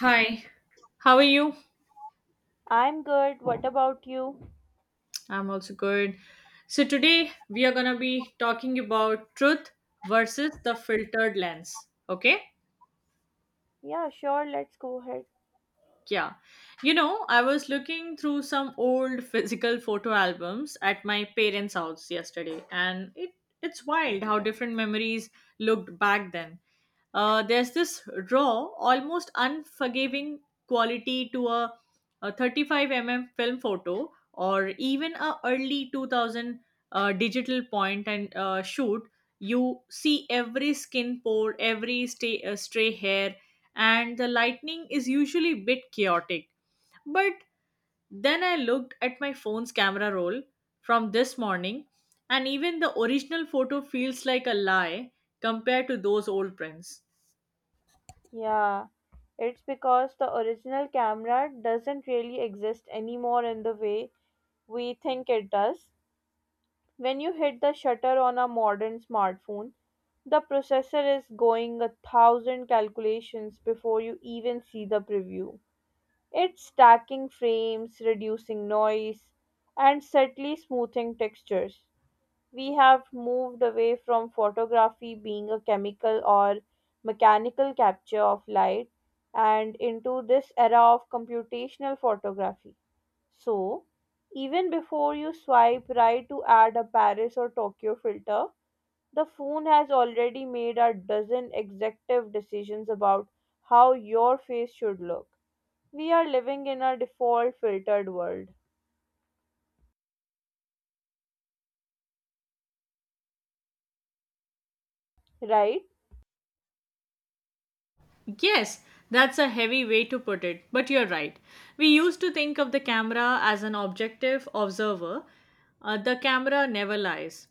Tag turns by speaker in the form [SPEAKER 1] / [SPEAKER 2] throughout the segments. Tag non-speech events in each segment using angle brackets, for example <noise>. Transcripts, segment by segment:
[SPEAKER 1] Hi, how are you?
[SPEAKER 2] I'm good. What about you?
[SPEAKER 1] I'm also good. So, today we are gonna be talking about truth versus the filtered lens. Okay?
[SPEAKER 2] Yeah, sure. Let's go ahead.
[SPEAKER 1] Yeah. You know, I was looking through some old <laughs> physical photo albums at my parents' house yesterday, and it's wild how different memories looked back then. There's this raw, almost unforgiving quality to a 35 mm film photo or even a early 2000 digital point and shoot. You see every skin pore, every stray hair, and the lightning is usually a bit chaotic. But then I looked at my phone's camera roll from this morning, and even the original photo feels like a lie compared to those old prints.
[SPEAKER 2] Yeah, it's because the original camera doesn't really exist anymore in the way we think it does. When you hit the shutter on a modern smartphone, the processor is going a thousand calculations before you even see the preview. It's stacking frames, reducing noise, and subtly smoothing textures. We have moved away from photography being a chemical or mechanical capture of light and into this era of computational photography. So, even before you swipe right to add a Paris or Tokyo filter, the phone has already made a dozen executive decisions about how your face should look. We are living in a default filtered world, right?
[SPEAKER 1] Yes, that's a heavy way to put it, but you're right. We used to think of the camera as an objective observer. The camera never lies.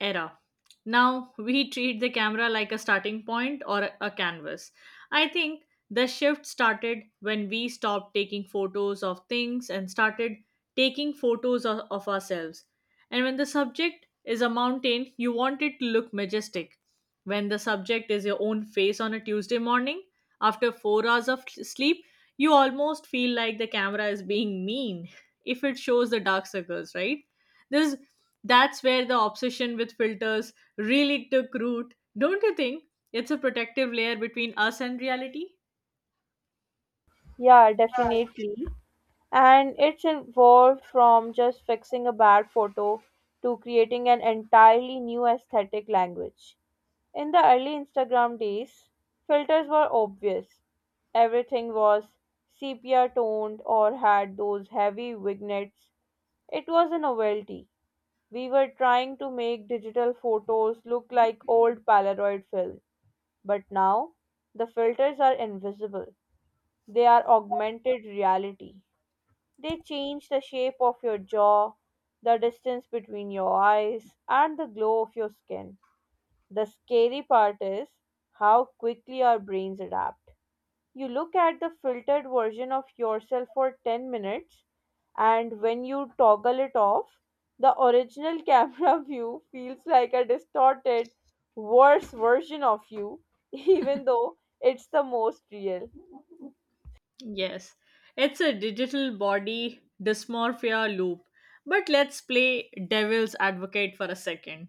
[SPEAKER 1] Era. Now we treat the camera like a starting point or a canvas. I think the shift started when we stopped taking photos of things and started taking photos of ourselves. And when the subject is a mountain, you want it to look majestic. When the subject is your own face on a Tuesday morning, after 4 hours of sleep, you almost feel like the camera is being mean <laughs> if it shows the dark circles, right? This That's where the obsession with filters really took root. Don't you think? It's a protective layer between us and reality.
[SPEAKER 2] Yeah, definitely. And it's evolved from just fixing a bad photo to creating an entirely new aesthetic language. In the early Instagram days, filters were obvious. Everything was sepia toned or had those heavy vignettes. It was a novelty. We were trying to make digital photos look like old Polaroid film. But now, the filters are invisible, they are augmented reality. They change the shape of your jaw, the distance between your eyes, and the glow of your skin. The scary part is how quickly our brains adapt. You look at the filtered version of yourself for 10 minutes, and when you toggle it off, the original <laughs> camera view feels like a distorted, worse version of you, even though it's the most real.
[SPEAKER 1] Yes, it's a digital body dysmorphia loop. But let's play devil's advocate for a second.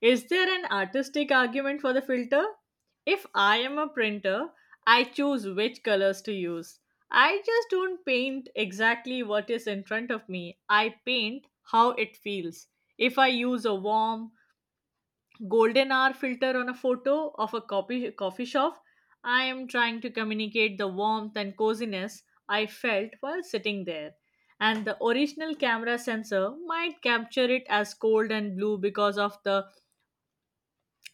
[SPEAKER 1] Is there an artistic argument for the filter? If I am a printer, I choose which colors to use. I just don't paint exactly what is in front of me, I paint how it feels. If I use a warm, golden hour filter on a photo of a coffee shop, I am trying to communicate the warmth and coziness I felt while sitting there. And the original camera sensor might capture it as cold and blue because of the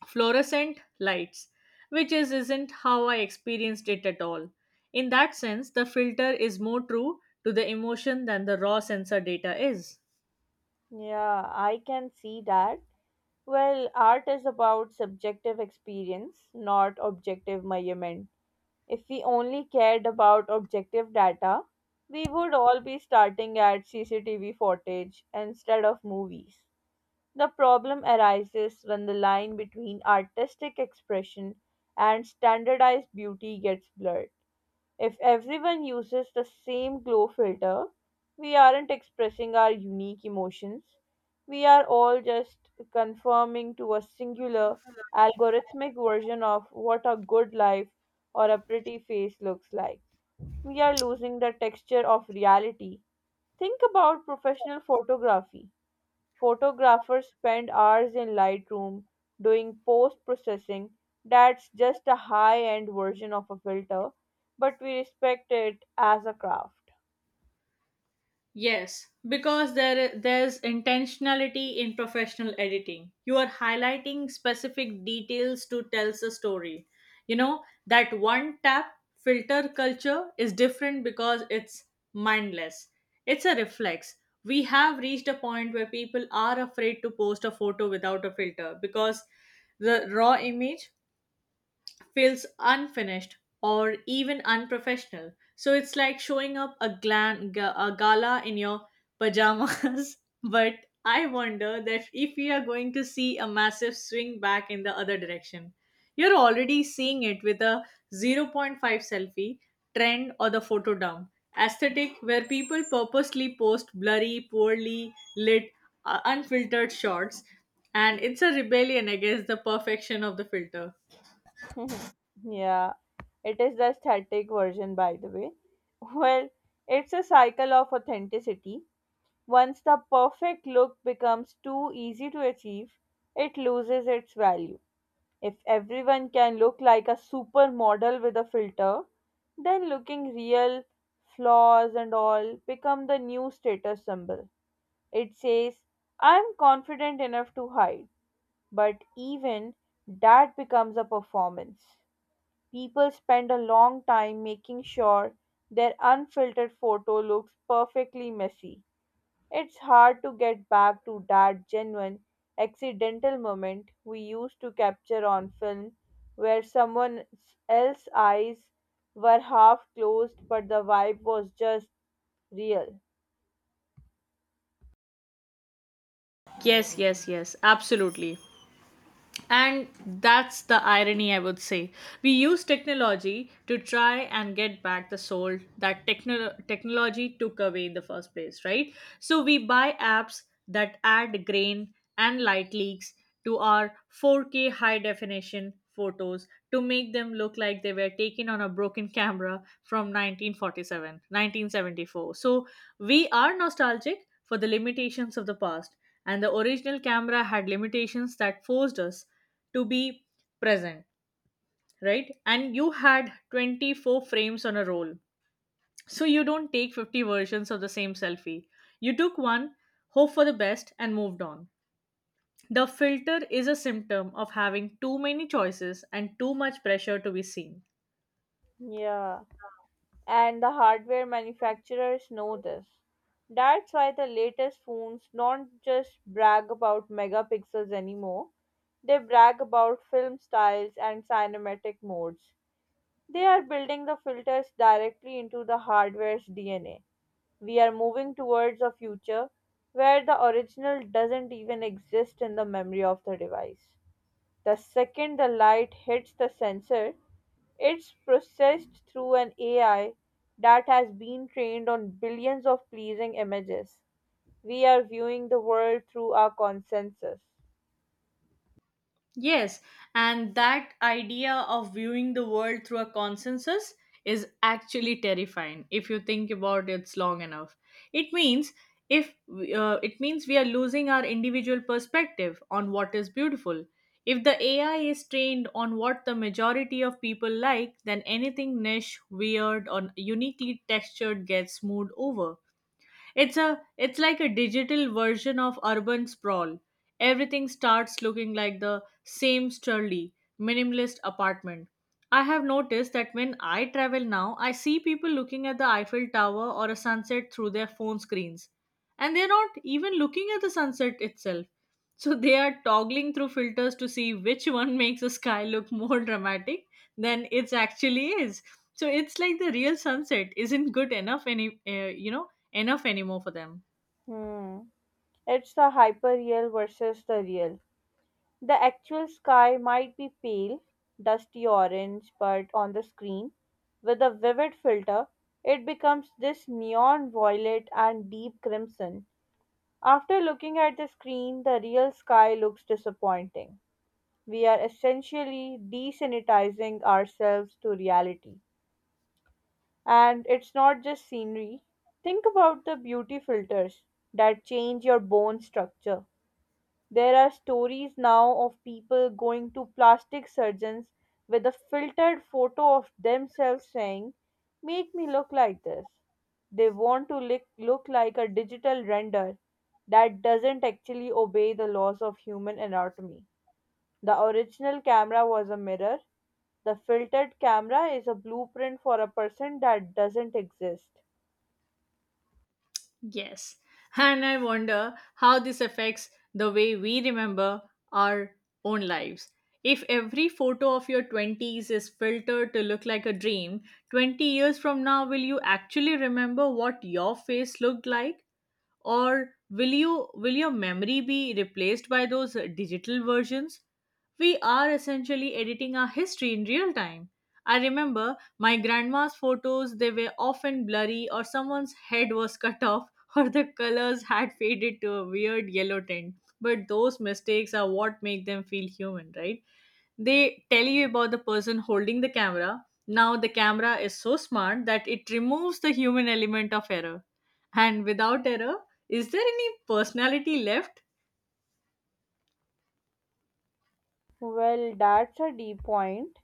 [SPEAKER 1] fluorescent lights, which isn't how I experienced it at all. In that sense, the filter is more true to the emotion than the raw sensor data is.
[SPEAKER 2] Yeah, I can see that. Well, art is about subjective experience, not objective measurement. If we only cared about objective data, we would all be starting at CCTV footage instead of movies. The problem arises when the line between artistic expression and standardized beauty gets blurred. If everyone uses the same glow filter, we aren't expressing our unique emotions. We are all just conforming to a singular algorithmic version of what a good life or a pretty face looks like. We are losing the texture of reality. Think about professional photography. Photographers spend hours in Lightroom doing post processing. That's just a high end version of a filter, but we respect it as a craft.
[SPEAKER 1] Yes, because there's intentionality in professional editing. You are highlighting specific details to tell a story. That one tap filter culture is different because it's mindless. It's a reflex. We have reached a point where people are afraid to post a photo without a filter because the raw image feels unfinished or even unprofessional. So it's like showing up a gala in your pajamas. <laughs> But I wonder that if we are going to see a massive swing back in the other direction. You're already seeing it with a zero point 0.5 selfie trend or the photo dump aesthetic where people purposely post blurry, poorly lit, unfiltered shots, and it's a rebellion against the perfection of the filter.
[SPEAKER 2] <laughs> Yeah, it is the aesthetic version, by the way. <laughs> Well, it's a cycle of authenticity. Once the perfect look becomes too easy to achieve, it loses its value. If everyone can look like a supermodel with a filter, then looking real, flaws and all become the new status symbol. It says, I'm confident enough to hide. But even that becomes a performance. People spend a long time making sure their unfiltered photo looks perfectly messy. It's hard to get back to that genuine, accidental moment we used to capture on film where someone else's eyes were half closed but the vibe was just real.
[SPEAKER 1] Yes, yes, yes, absolutely. And that's the irony, I would say. We use technology to try and get back the soul that technology took away in the first place, right? So we buy apps that add grain and light leaks to our 4K high definition photos to make them look like they were taken on a broken camera from 1947, 1974. So we are nostalgic for the limitations of the past, and the original camera had limitations that forced us to be present, right? And you had 24 frames on a roll, so you don't take 50 versions of the same selfie. You took one, hope for the best, and moved on. The filter is a symptom of having too many choices and too much pressure to be seen.
[SPEAKER 2] Yeah, and the hardware manufacturers know this. That's why the latest phones don't just brag about megapixels anymore, they brag about film styles and cinematic modes. They are building the filters directly into the hardware's DNA. We are moving towards a future where the original doesn't even exist in the memory of the device. The second the light hits the sensor, it's processed through an AI that has been trained on billions of pleasing images. We are viewing the world through our consensus.
[SPEAKER 1] Yes, and that idea of viewing the world through a consensus is actually terrifying if you think about it long enough. It means if it means we are losing our individual perspective on what is beautiful. If the AI is trained on what the majority of people like, then anything niche, weird, or uniquely textured gets smoothed over. It's like a digital version of urban sprawl. Everything starts looking like the same sturdy, minimalist apartment. I have noticed that when I travel now, I see people looking at the Eiffel Tower or a sunset through their phone screens. And they're not even looking at the sunset itself. So <laughs> they are toggling through filters to see which one <laughs> makes the sky look more dramatic than it actually is. So it's like the real sunset isn't good enough anymore for them.
[SPEAKER 2] Hmm. It's the hyperreal versus the real. The actual sky might be pale, dusty orange, but on the screen, with a vivid filter, it becomes this neon violet and deep crimson. After looking at the screen, the real sky looks disappointing. We are essentially desanitizing ourselves to reality. And it's not just scenery. Think about the beauty filters that change your bone structure. There are stories now of people going to plastic surgeons with a filtered photo of themselves saying, "Make me look like this." They want to look like a digital render that doesn't actually obey the laws of human anatomy. The original camera was a mirror, the filtered camera is a blueprint for a person that doesn't exist.
[SPEAKER 1] Yes. And I wonder how this affects the way we remember our own lives. If every photo of your 20s is filtered to look like a dream, 20 years from now, will you actually remember what your face looked like? Or will your memory be replaced by those digital versions? We are essentially editing our history in real time. I remember my grandma's photos. They were often blurry, or someone's head was cut off, <laughs> or the colors had faded to a weird yellow tint. But those mistakes are what make them feel human, right? They tell you about the person holding the camera. Now the camera is so smart that it removes the human element of error. And without error, is there any personality left?
[SPEAKER 2] Well, that's a deep point.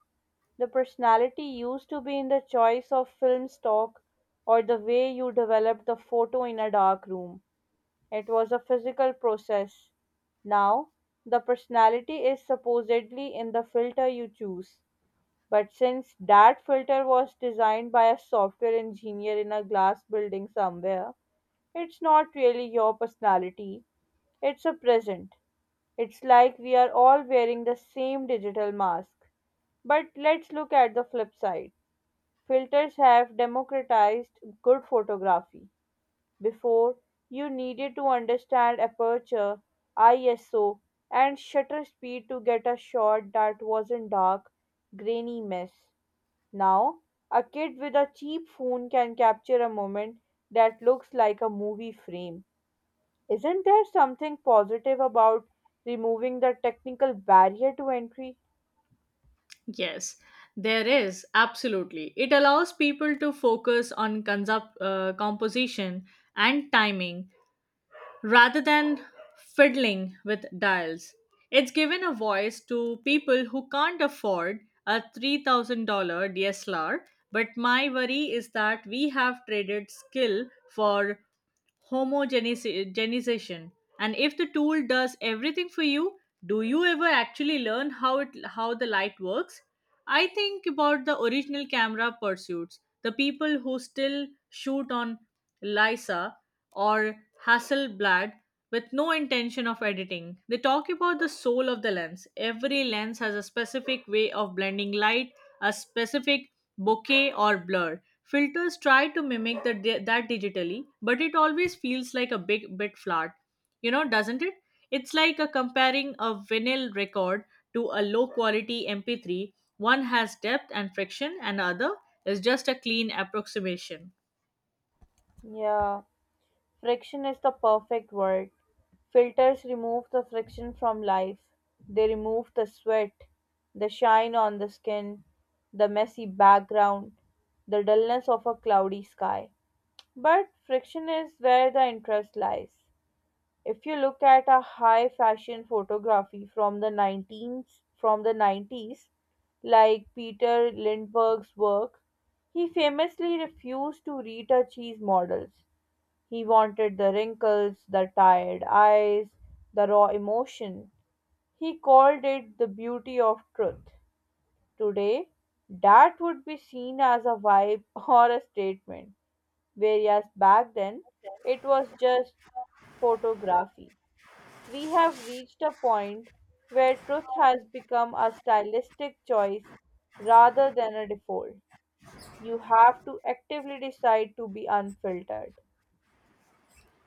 [SPEAKER 2] The personality used to be in the choice of film stock or the way you developed the photo in a dark room. It was a physical process. Now, the personality is supposedly in the filter you choose. But since that filter was designed by a software engineer in a glass building somewhere, it's not really your personality. It's a present. It's like we are all wearing the same digital mask. But let's look at the flip side. Filters have democratized good photography; before, you needed to understand aperture, ISO, and shutter speed to get a shot that wasn't dark, grainy mess. Now, a kid with a cheap phone can capture a moment that looks like a movie frame. Isn't there something positive about removing the technical barrier to entry?
[SPEAKER 1] Yes, there is, absolutely. It allows people to focus on composition and timing rather than fiddling with dials. It's given a voice to people who can't afford a $3,000 DSLR, but my worry is that we have traded skill for homogenization. And if the tool does everything for you, do you ever actually learn how the light works? I think about the original camera pursuits, the people who still shoot on Lysa or Hasselblad with no intention of editing. They talk about the soul of the lens. Every lens has a specific way of blending light, a specific bokeh or blur. Filters try to mimic that digitally, but it always feels like a big bit flat. You know, doesn't it? It's like a comparing a vinyl record to a low quality MP3. One has depth and friction, and the other is just a clean approximation.
[SPEAKER 2] Yeah. Friction is the perfect word. Filters remove the friction from life. They remove the sweat, the shine on the skin, the messy background, the dullness of a cloudy sky. But friction is where the interest lies. If you look at a high fashion photography from the 19s, from the 90s like Peter Lindbergh's work, he famously refused to retouch his models. He wanted the wrinkles, the tired eyes, the raw emotion. He called it the beauty of truth. Today, that would be seen as a vibe <laughs> or a statement, whereas back then, it was just photography. We have reached a point where truth has become a stylistic choice rather than a default. You have to actively decide to be unfiltered.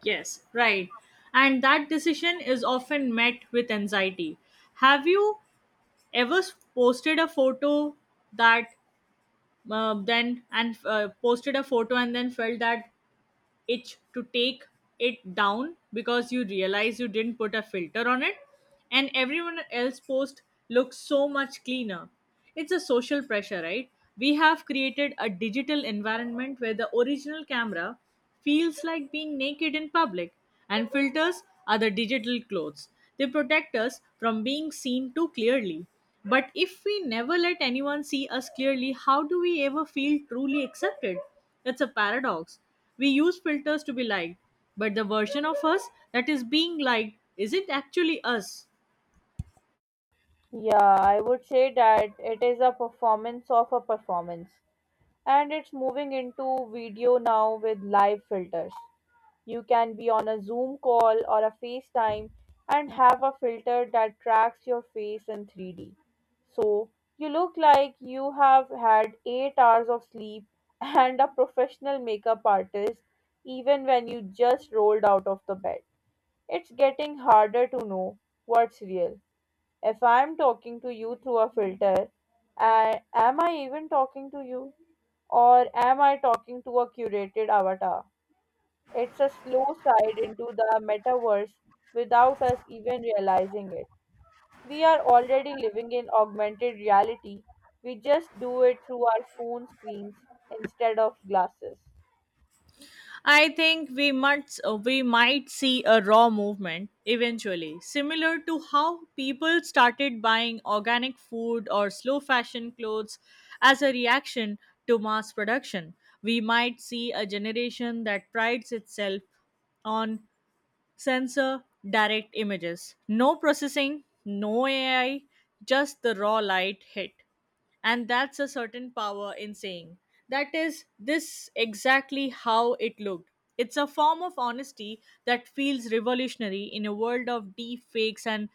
[SPEAKER 1] Yes, right. And that decision is often met with anxiety. Have you ever posted a photo that and then felt that itch to take it down because you realize you didn't put a filter on it, and everyone else post looks so much cleaner. It's a social pressure, right? We have created a digital environment where the original camera feels like being naked in public, and filters are the digital clothes. They protect us from being seen too clearly. But if we never let anyone see us clearly, how do we ever feel truly accepted? It's a paradox. We use filters to be liked, but the version of us that is being liked isn't actually us.
[SPEAKER 2] Yeah, I would say that it is a performance of a performance. And it's moving into video now with live filters. You can be on a Zoom call or a FaceTime and have a filter that tracks your face in 3D. So you look like you have had 8 hours of sleep <laughs> and a professional makeup artist even when you just rolled out of the bed. It's getting harder to know what's real. If I'm talking to you through a filter, am I even talking to you? Or am I talking to a curated avatar? It's a slow slide into the metaverse without us even realizing it. We are already living in augmented reality. We just do it through our phone screens instead of glasses.
[SPEAKER 1] I think we might see a raw movement eventually, similar to how people started buying organic food or slow fashion clothes as a reaction to mass production. We might see a generation that prides itself on sensor direct images. No processing, no AI, just the raw light hit. And that's a certain power in saying that is this exactly how it looked. It's a form of honesty that feels revolutionary in a world of deep fakes and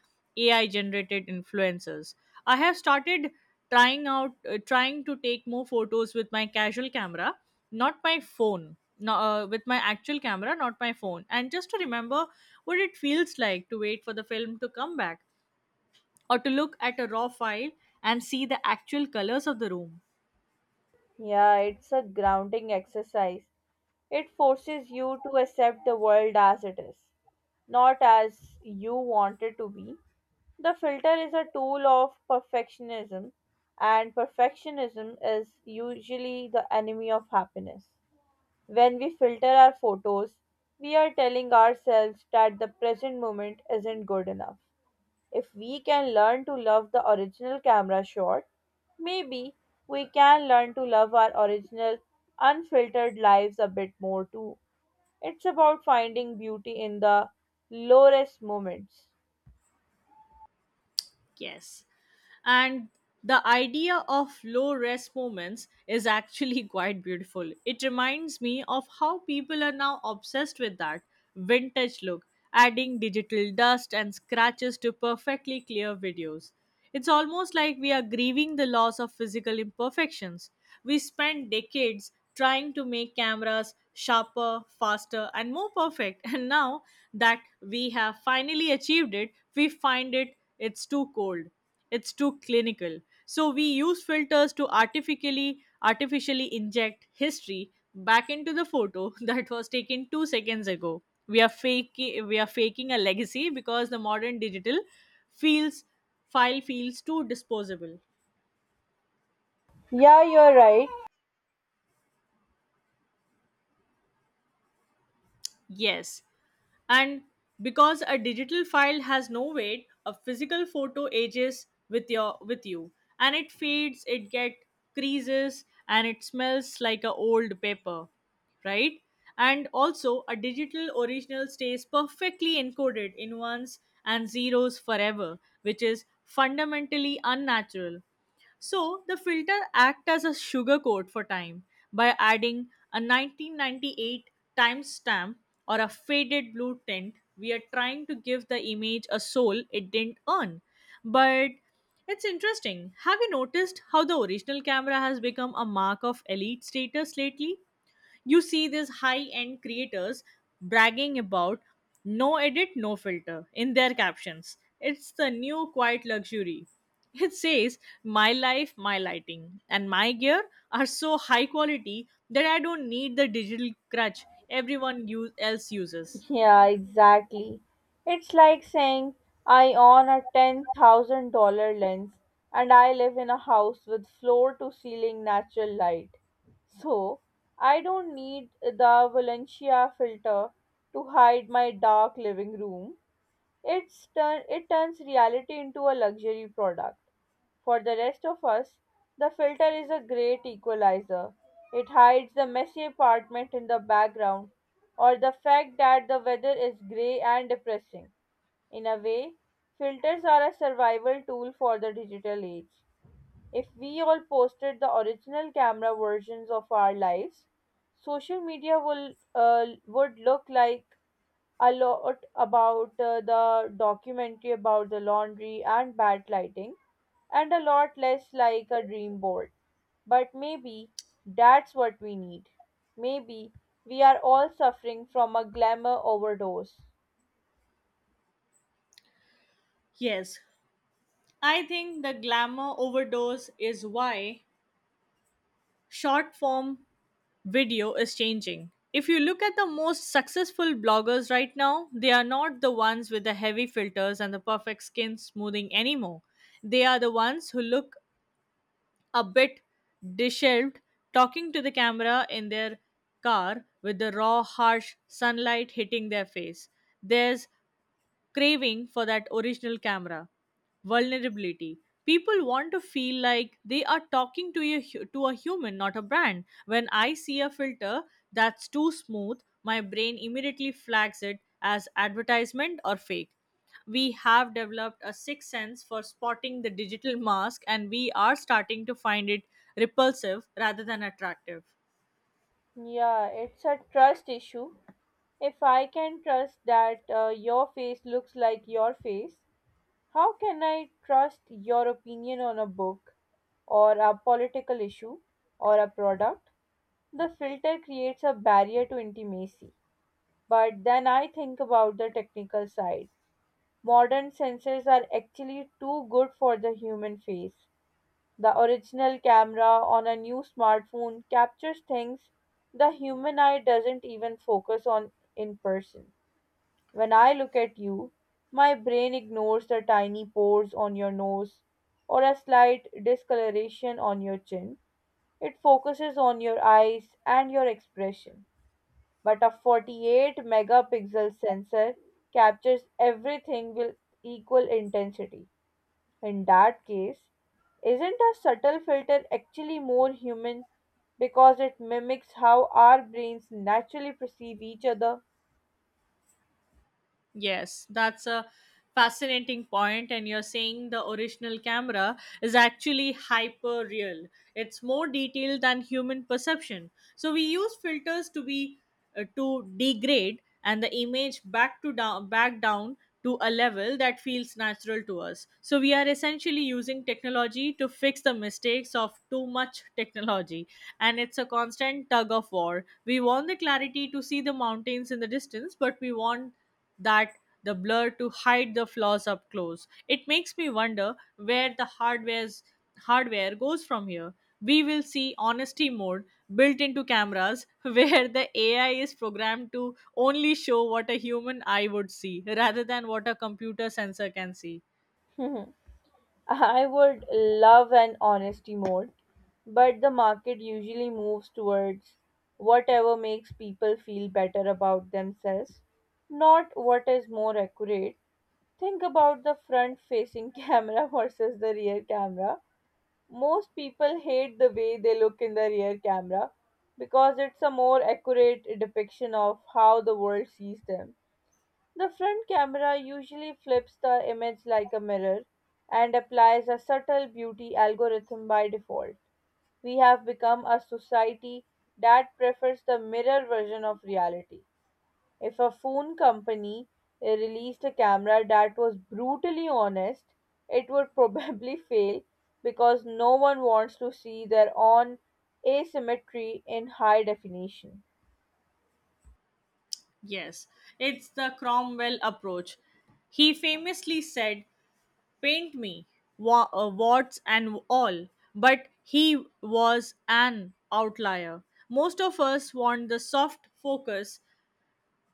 [SPEAKER 1] AI generated influencers. I have started trying to take more photos with my casual camera, not my phone. No, with my actual camera, not my phone. And just to remember what it feels like to wait for the film to come back or to look at a raw file and see the actual colors of the room.
[SPEAKER 2] Yeah, it's a grounding exercise. It forces you to accept the world as it is, not as you want it to be. The filter is a tool of perfectionism, and perfectionism is usually the enemy of happiness. When we filter our photos, we are telling ourselves that the present moment isn't good enough. If we can learn to love the original camera shot, maybe we can learn to love our original, unfiltered lives a bit more too. It's about finding beauty in the lowest moments.
[SPEAKER 1] Yes. And the idea of low rest moments is actually <laughs> quite beautiful. It reminds me of how people are now obsessed with that vintage look, adding digital dust and scratches to perfectly clear videos. It's almost like we are grieving the loss of physical imperfections. We spent decades trying to make cameras sharper, faster, and more perfect, <laughs> and now that we have finally achieved it, we find it's too cold, it's too clinical. So we use filters to artificially inject history back into the photo <laughs> that was taken 2 seconds ago. We are faking a legacy because the modern digital feels file feels too disposable.
[SPEAKER 2] Yeah, you're right.
[SPEAKER 1] Yes. And because a digital file has no weight, a physical photo ages with you, and it fades, it get creases, and it smells like a old paper, right? And also a digital original stays perfectly encoded in ones and zeros forever, which is fundamentally unnatural. So the filter act as a sugar coat for time by adding a 1998 timestamp or a faded blue tint. We are trying to give the image a soul it didn't earn. But it's interesting. Have you noticed how the original camera has become a mark of elite status lately? You see these high end creators bragging about no edit, no filter in their captions. It's the new quiet luxury. It says, my life, my lighting, and my gear are so high quality that I don't need the digital crutch else uses.
[SPEAKER 2] Yeah, exactly. It's like saying I own a $10,000 lens and I live in a house with floor to ceiling natural light. So, I don't need the Valencia filter to hide my dark living room. It turns reality into a luxury product. For the rest of us, the filter is a great equalizer. It hides the messy apartment in the background or the fact that the weather is grey and depressing. In a way, filters are a survival tool for the digital age. If we all posted the original camera versions of our lives, social media will would look like a lot about the documentary about the laundry and bad lighting, and a lot less like a dream board. But maybe that's what we need. Maybe we are all suffering from a glamour overdose.
[SPEAKER 1] Yes, I think the glamour overdose is why short form video is changing. If you look at the most successful bloggers right now, they are not the ones with the heavy filters and the perfect skin smoothing anymore. They are the ones who look a bit disheveled, talking to the camera in their car with the raw, harsh sunlight hitting their face. There's craving for that original camera. Vulnerability. People want to feel like they are talking to to a human, not a brand. When I see a filter that's too smooth, my brain immediately flags it as advertisement or fake. We have developed a sixth sense for spotting the digital mask, and we are starting to find it repulsive rather than attractive.
[SPEAKER 2] Yeah, it's a trust issue. If I can trust that your face looks like your face, how can I trust your opinion on a book or a political issue or a product? The filter creates a barrier to intimacy. But then I think about the technical side. Modern sensors are actually too good for the human face. The original camera on a new smartphone captures things the human eye doesn't even focus on in person. When I look at you, my brain ignores the tiny pores on your nose or a slight discoloration on your chin. It focuses on your eyes and your expression. But a 48 megapixel sensor captures everything with equal intensity. In that case, isn't a subtle filter actually more human because it mimics how our brains naturally perceive each other?
[SPEAKER 1] Yes, that's a fascinating point, and you're saying the original camera is actually hyper real. It's more detailed than human perception. So we use filters to be to degrade and the image back down to a level that feels natural to us. So we are essentially using technology to fix the mistakes of too much technology, and it's a constant tug of war. We want the clarity to see the mountains in the distance, but we want that the blur to hide the flaws up close. It makes me wonder where the hardware goes from here. We will see honesty mode built into cameras <laughs> where the AI is programmed to only show what a human eye would see rather than what a computer sensor can see.
[SPEAKER 2] <laughs> I would love an honesty mode, but the market usually moves towards whatever makes people feel better about themselves, not what is more accurate. Think about the front facing <laughs> camera versus the rear camera. Most people hate the way they look in the rear camera because it's a more accurate depiction of how the world sees them. The front camera usually flips the image like a mirror and applies a subtle beauty algorithm by default. We have become a society that prefers the mirror version of reality. If a phone company released a camera that was brutally honest, it would probably <laughs> fail because no one wants to see their own asymmetry in high definition.
[SPEAKER 1] Yes, it's the Cromwell approach. He famously said, paint me, warts and all. But he was an outlier. Most of us want the soft focus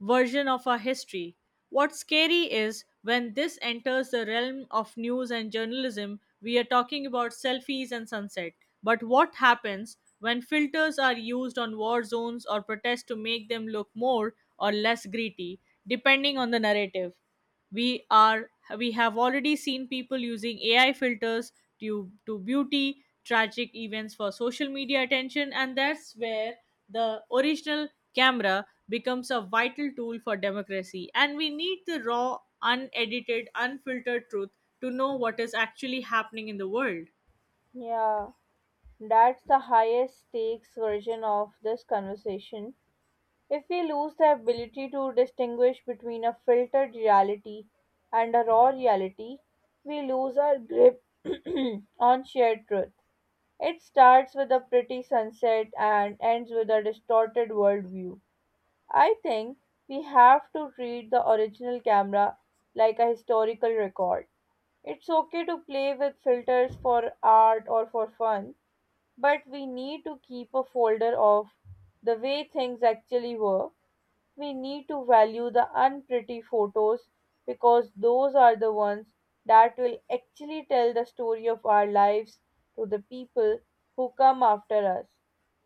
[SPEAKER 1] version of our history. What's scary is when this enters the realm of news and journalism. We are talking about selfies and sunset. But what happens when filters are used on war zones or protests to make them look more or less gritty, depending on the narrative? We are we have already seen people using AI filters to beauty tragic events for social media attention, and that's where the original camera becomes a vital tool for democracy, and we need the raw, unedited, unfiltered truth to know what is actually happening in the world.
[SPEAKER 2] Yeah, that's the highest stakes version of this conversation. If we lose the ability to distinguish between a filtered reality and a raw reality, we lose our grip <clears throat> on shared truth. It starts with a pretty sunset and ends with a distorted worldview. I think we have to treat the original camera like a historical record. It's okay to play with filters for art or for fun, but we need to keep a folder of the way things actually were. We need to value the unpretty photos because those are the ones that will actually tell the story of our lives to the people who come after us.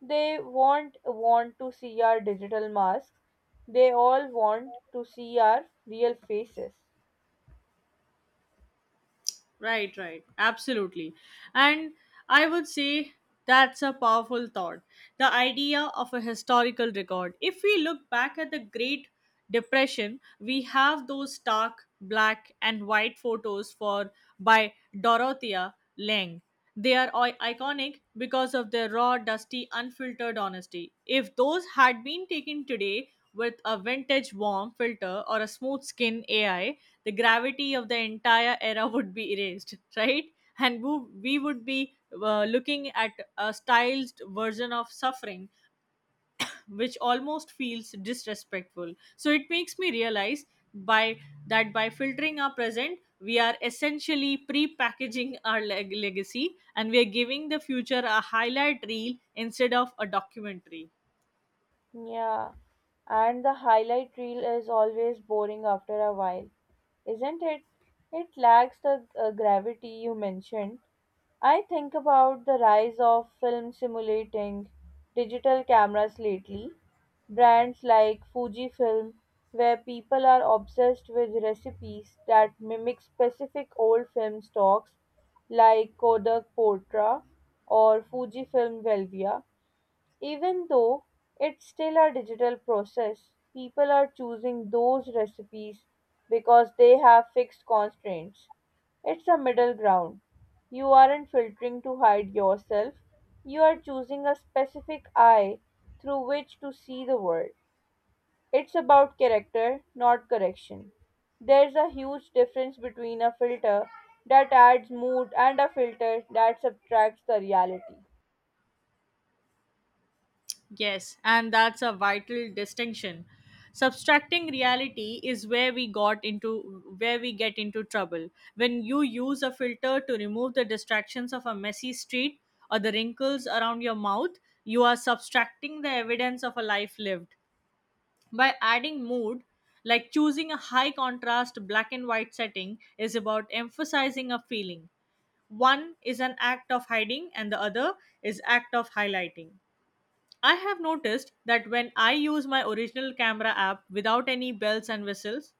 [SPEAKER 2] They won't want to see our digital masks, they all want to see our real faces.
[SPEAKER 1] Right, right. Absolutely. And I would say that's a powerful thought. The idea of a historical record. If we look back at the Great Depression, we have those stark black and white photos for by Dorothea Lange. They are iconic because of their raw, dusty, unfiltered honesty. If those had been taken today with a vintage warm filter or a smooth skin AI, the gravity of the entire era would be erased, right? And we would be looking at a stylized version of suffering, which almost feels disrespectful. So it makes me realize by that by filtering our present, we are essentially pre-packaging our legacy, and we are giving the future a highlight reel instead of a documentary.
[SPEAKER 2] Yeah, and the highlight reel is always boring after a while, isn't it? It lacks the gravity you mentioned. I think about the rise of film simulating digital cameras lately. Brands like Fujifilm, where people are obsessed with recipes that mimic specific old film stocks like Kodak Portra or Fujifilm Velvia. Even though it's still a digital process, people are choosing those recipes because they have fixed constraints. It's a middle ground. You aren't filtering to hide yourself, you are choosing a specific eye through which to see the world. It's about character, not correction. There's a huge difference between a filter that adds mood and a filter that subtracts the reality.
[SPEAKER 1] Yes, and that's a vital distinction. Subtracting reality is where we got into where we get into trouble. When you use a filter to remove the distractions of a messy street or the wrinkles around your mouth, you are subtracting the evidence of a life lived. By adding mood, like choosing a high contrast black and white setting, is about emphasizing a feeling. One is an act of hiding and the other is act of highlighting. I have noticed that when I use my original camera app without any bells and whistles,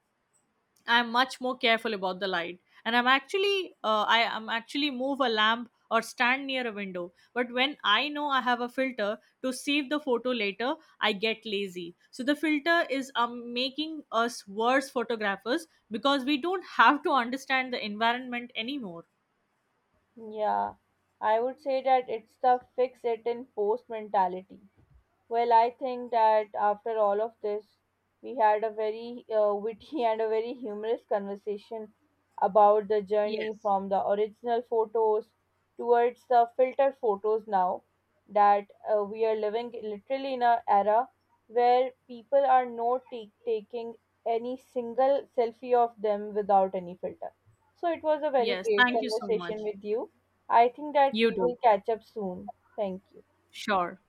[SPEAKER 1] I'm much more careful about the light, and I am actually move a lamp or stand near a window. But when I know I have a filter to save the photo later, I get lazy. So the filter is making us worse photographers because we don't <laughs> have to understand the environment anymore.
[SPEAKER 2] Yeah, I would say that it's the fix it in post mentality. Well, I think that after all of this, we had a very witty <laughs> and a very humorous conversation about the journey
[SPEAKER 1] Yes.
[SPEAKER 2] from the original photos towards the filter photos now that we are living literally in a era where people are not taking any single selfie of them without any filter. So it was a very
[SPEAKER 1] Yes.
[SPEAKER 2] great
[SPEAKER 1] Thank you so
[SPEAKER 2] conversation
[SPEAKER 1] much.
[SPEAKER 2] with you. I think that
[SPEAKER 1] You
[SPEAKER 2] we will
[SPEAKER 1] do.
[SPEAKER 2] catch up soon. Thank you.
[SPEAKER 1] Sure.